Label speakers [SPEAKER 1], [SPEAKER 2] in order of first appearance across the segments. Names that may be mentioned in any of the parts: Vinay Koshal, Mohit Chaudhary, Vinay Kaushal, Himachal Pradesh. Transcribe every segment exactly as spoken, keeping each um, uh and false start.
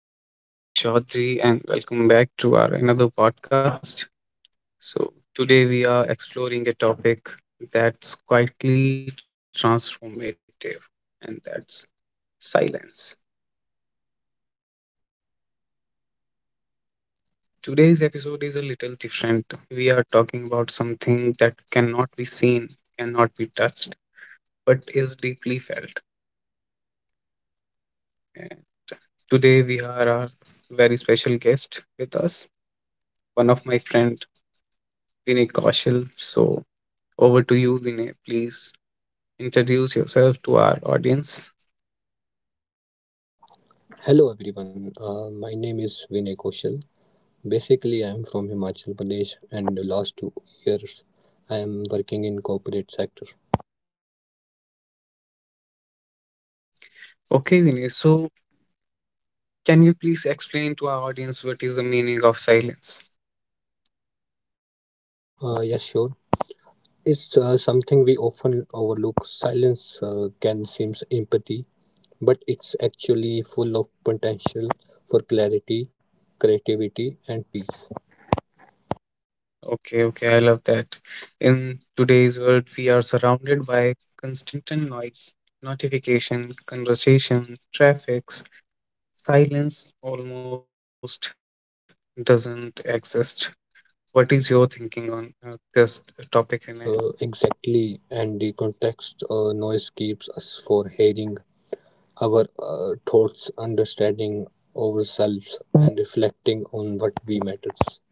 [SPEAKER 1] My name is Mohit Chaudhary, and welcome back to our another podcast. So today we are exploring a topic that's quietly transformative, and that's silence. Today's episode is a little different. We are talking about something that cannot be seen, cannot be touched, but is deeply felt. And today we have our very special guest with us, one of my friend, Vinay Kaushal. So over to you, Vinay. Please introduce yourself to our audience.
[SPEAKER 2] Hello everyone, uh, my name is Vinay Koshal. Basically, I am from Himachal Pradesh, and the last two years, I am working in corporate sector.
[SPEAKER 1] Okay, Vinay. So, can you please explain to our audience what is the meaning of silence?
[SPEAKER 2] Uh, yes, sure. It's uh, something we often overlook. Silence uh, can seem empathy, but it's actually full of potential for clarity, creativity, and peace.
[SPEAKER 1] Okay, okay, I love that. In today's world, we are surrounded by constant noise, notification, conversation, traffics. Silence almost doesn't exist. What is your thinking on uh, this topic, Vinay?
[SPEAKER 2] Uh, exactly, and the context uh, noise keeps us for hearing our uh, thoughts, understanding ourselves, and reflecting on what we matters.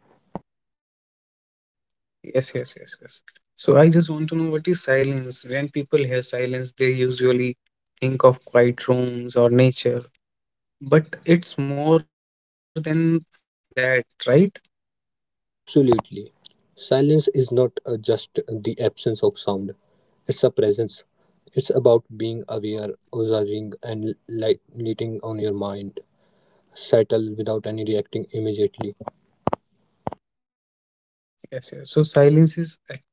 [SPEAKER 1] Yes, yes, yes, yes. So I just want to know what is silence. When people hear silence, they usually think of quiet rooms or nature, but it's more than that, right?
[SPEAKER 2] Absolutely. Silence is not uh, just the absence of sound, it's a presence. It's about being aware, observing, and light, letting on your mind settle without any reacting immediately.
[SPEAKER 1] Yes, yes. So silence is active, not passive.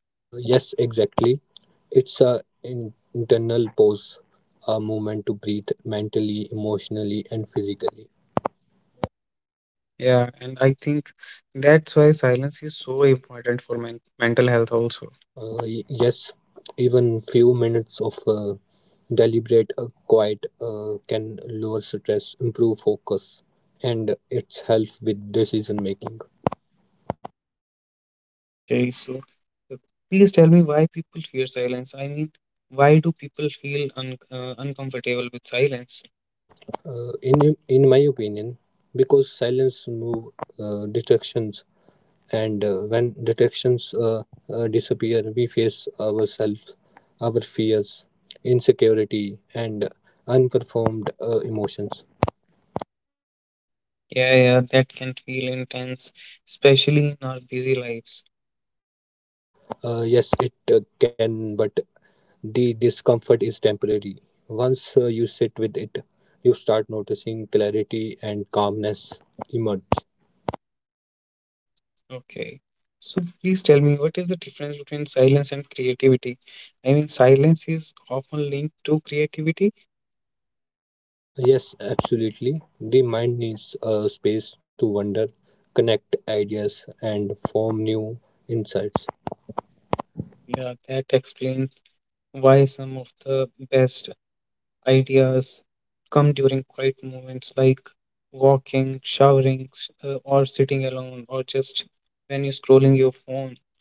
[SPEAKER 2] Uh, yes, exactly. It's a in- internal pause, a moment to breathe mentally, emotionally, and physically.
[SPEAKER 1] Yeah, and I think that's why silence is so important for men mental health also.
[SPEAKER 2] Uh, y- yes, even few minutes of uh, deliberate uh, quiet uh, can lower stress, improve focus, and it's help with decision making.
[SPEAKER 1] Okay, so uh, please tell me why people fear silence. I mean, why do people feel un uh, uncomfortable with silence?
[SPEAKER 2] Uh, in in my opinion, because silence move uh, distractions, and uh, when distractions uh, uh, disappear, we face ourselves, our fears, insecurity, and unperformed uh, emotions.
[SPEAKER 1] Yeah, yeah, that can feel intense, especially in our busy lives.
[SPEAKER 2] Uh, yes, it uh, can, but the discomfort is temporary. Once uh, you sit with it, you start noticing clarity and calmness emerge.
[SPEAKER 1] Okay. So please tell me, what is the difference between silence and creativity? I mean, silence is often linked to creativity.
[SPEAKER 2] Yes, absolutely. The mind needs a space to wonder, connect ideas, and form new insights.
[SPEAKER 1] Yeah, that explains why some of the best ideas come during quiet moments like walking, showering, s- uh, or sitting alone, or just when you're scrolling your phone.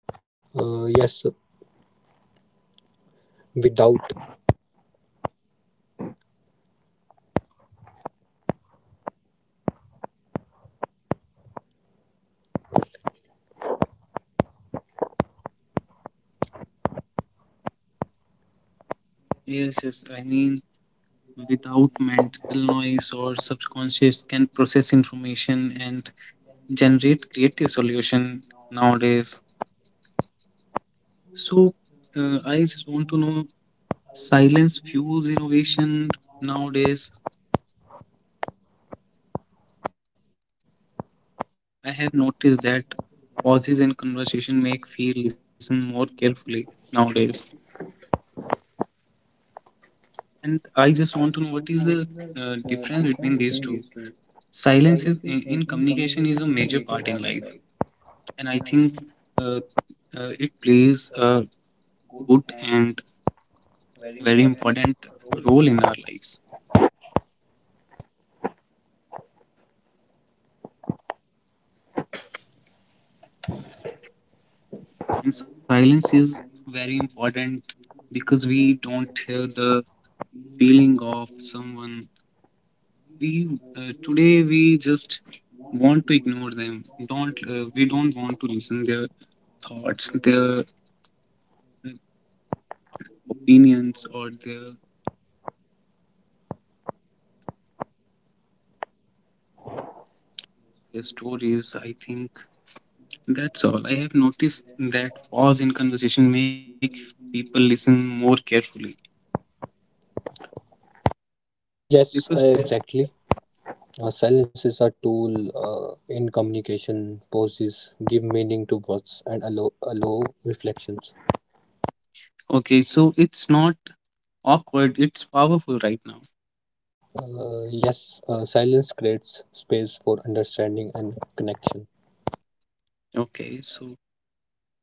[SPEAKER 2] Uh, yes, without.
[SPEAKER 1] Yes, yes. I mean, without mental noise or subconscious can process information and generate creative solution nowadays so uh, I just want to know silence fuels innovation nowadays. I have noticed that pauses in conversation make feel listen more carefully nowadays. And I just want to know what is the uh, difference between these two. Silence is in, in communication is a major part in life, and I think uh, uh, it plays a good and very important role in our lives. And silence is very important because we don't hear the feeling of someone. We uh, today we just want to ignore them. Don't uh, We don't want to listen their thoughts, their uh, opinions, or their their stories. I think that's all. I have noticed that pause in conversation make people listen more carefully
[SPEAKER 2] Yes,
[SPEAKER 1] because yeah.
[SPEAKER 2] uh, exactly. Uh, silence is a tool uh, in communication, pauses, give meaning to words, and allow, allow reflections.
[SPEAKER 1] Okay, so it's not awkward, it's powerful right now.
[SPEAKER 2] Uh, yes, uh, silence creates space for understanding and connection.
[SPEAKER 1] Okay, so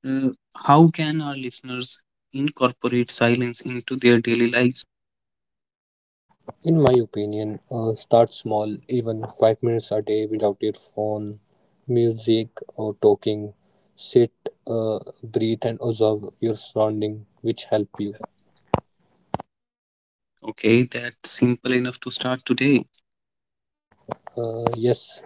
[SPEAKER 1] uh, how can our listeners incorporate silence into their daily lives?
[SPEAKER 2] In my opinion, uh, start small, even five minutes a day without your phone, music, or talking. Sit, uh, breathe, and observe your surrounding, which help you.
[SPEAKER 1] Okay, that's simple enough to start today.
[SPEAKER 2] Uh, yes,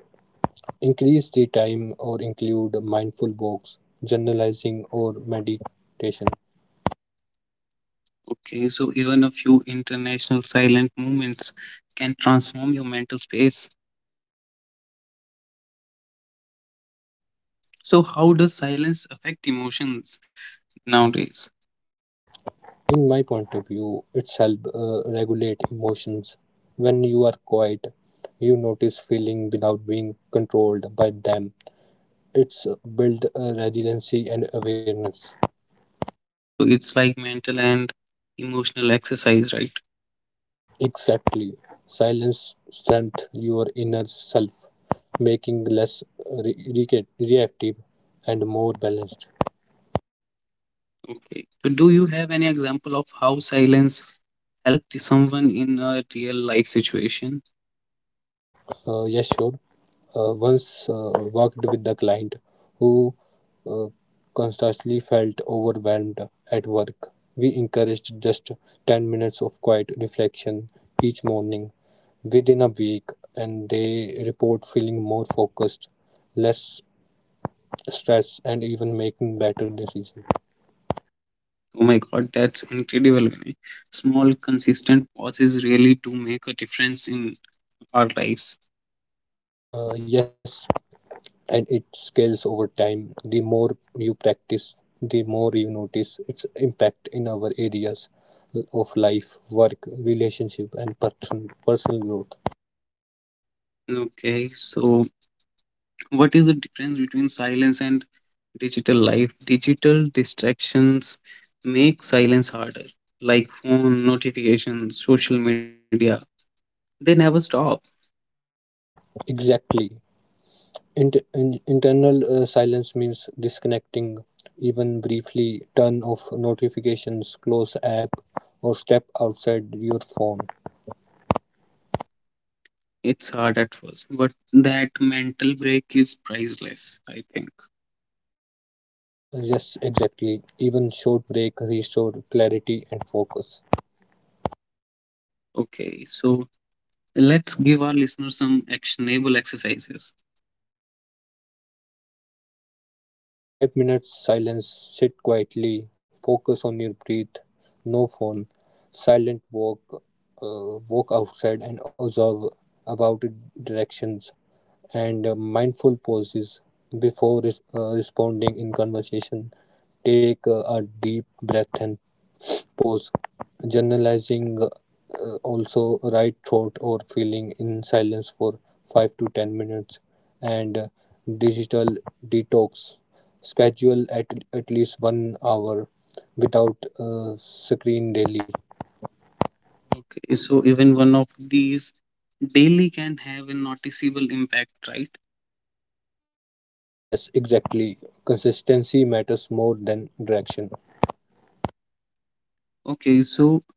[SPEAKER 2] increase the time or include mindful walks, journalizing, or meditation.
[SPEAKER 1] Okay, so even a few international silent movements can transform your mental space. So how does silence affect emotions nowadays?
[SPEAKER 2] In my point of view, it's help uh, regulate emotions. When you are quiet, you notice feeling without being controlled by them. It's build uh, resiliency and awareness.
[SPEAKER 1] So it's like mental and emotional exercise, right?
[SPEAKER 2] Exactly. Silence strength your inner self, making less uh, re- react- reactive and more balanced.
[SPEAKER 1] Okay. So, do you have any example of how silence helped someone in a real life situation?
[SPEAKER 2] Uh, yes, sure. Uh, once uh, worked with the client who uh, constantly felt overwhelmed at work. We encouraged just ten minutes of quiet reflection each morning. Within a week, and they report feeling more focused, less stressed, and even making better decisions.
[SPEAKER 1] Oh my God, that's incredible, Vinay. Small, consistent pauses really do make a difference in our lives.
[SPEAKER 2] Uh, yes, and it scales over time. The more you practice, the more you notice its impact in our areas of life, work, relationship, and person, personal growth.
[SPEAKER 1] Okay. So, what is the difference between silence and digital life? Digital distractions make silence harder, like phone notifications, social media. They never stop.
[SPEAKER 2] Exactly. Int- in- internal uh, silence means disconnecting, even briefly, turn off notifications, close app, or step outside your phone.
[SPEAKER 1] It's hard at first, but that mental break is priceless, I think.
[SPEAKER 2] Yes, exactly. Even short break restore clarity and focus.
[SPEAKER 1] Okay, so let's give our listeners some actionable exercises.
[SPEAKER 2] I think uh, five minutes silence, sit quietly, focus on your breath, no phone, silent walk, uh, walk outside and observe about directions, and uh, mindful pauses before res- uh, responding in conversation. Take uh, a deep breath and pause. Generalizing, uh, also write thought or feeling in silence for five to ten minutes, and uh, digital detox. Schedule at, at least one hour without uh, screen daily.
[SPEAKER 1] Okay, so even one of these daily can have a noticeable impact, right?
[SPEAKER 2] Yes, exactly. Consistency matters more than direction.
[SPEAKER 1] Okay, so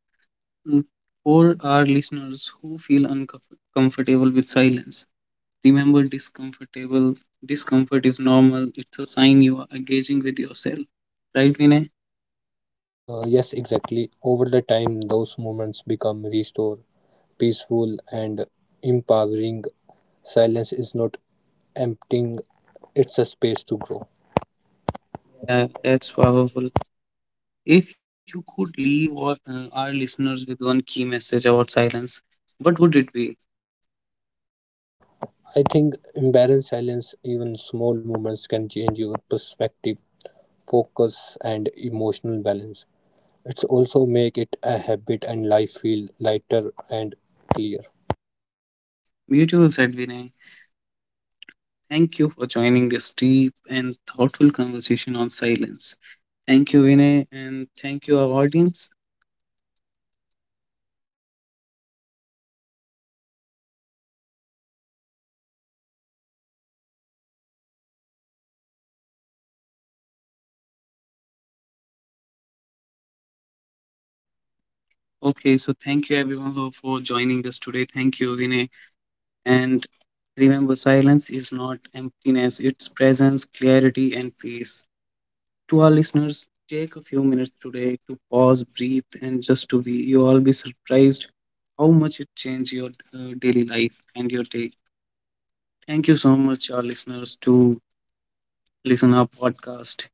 [SPEAKER 1] mm, for our listeners who feel uncomfortable with silence, remember discomfortable discomfort is normal. It's a sign you are engaging with yourself, right, Vinay?
[SPEAKER 2] Uh, yes, exactly. Over the time, those moments become restored, peaceful, and empowering. Silence is not emptying, it's a space to grow.
[SPEAKER 1] Yeah, that's powerful. If you could leave our, uh, our listeners with one key message about silence, what would it be?
[SPEAKER 2] I think embarrassed silence, even small moments, can change your perspective, focus, and emotional balance. It's also make it a habit and life feel lighter and clear.
[SPEAKER 1] Beautiful, said Vinay. Thank you for joining this deep and thoughtful conversation on silence. Thank you, Vinay, and thank you, our audience. Okay, so thank you everyone for for joining us today. Thank you, Vinay. And remember, silence is not emptiness, it's presence, clarity, and peace. To our listeners, take a few minutes today to pause, breathe, and just to be. You all be surprised how much it changed your uh, daily life and your day. Thank you so much, our listeners, to listen our podcast.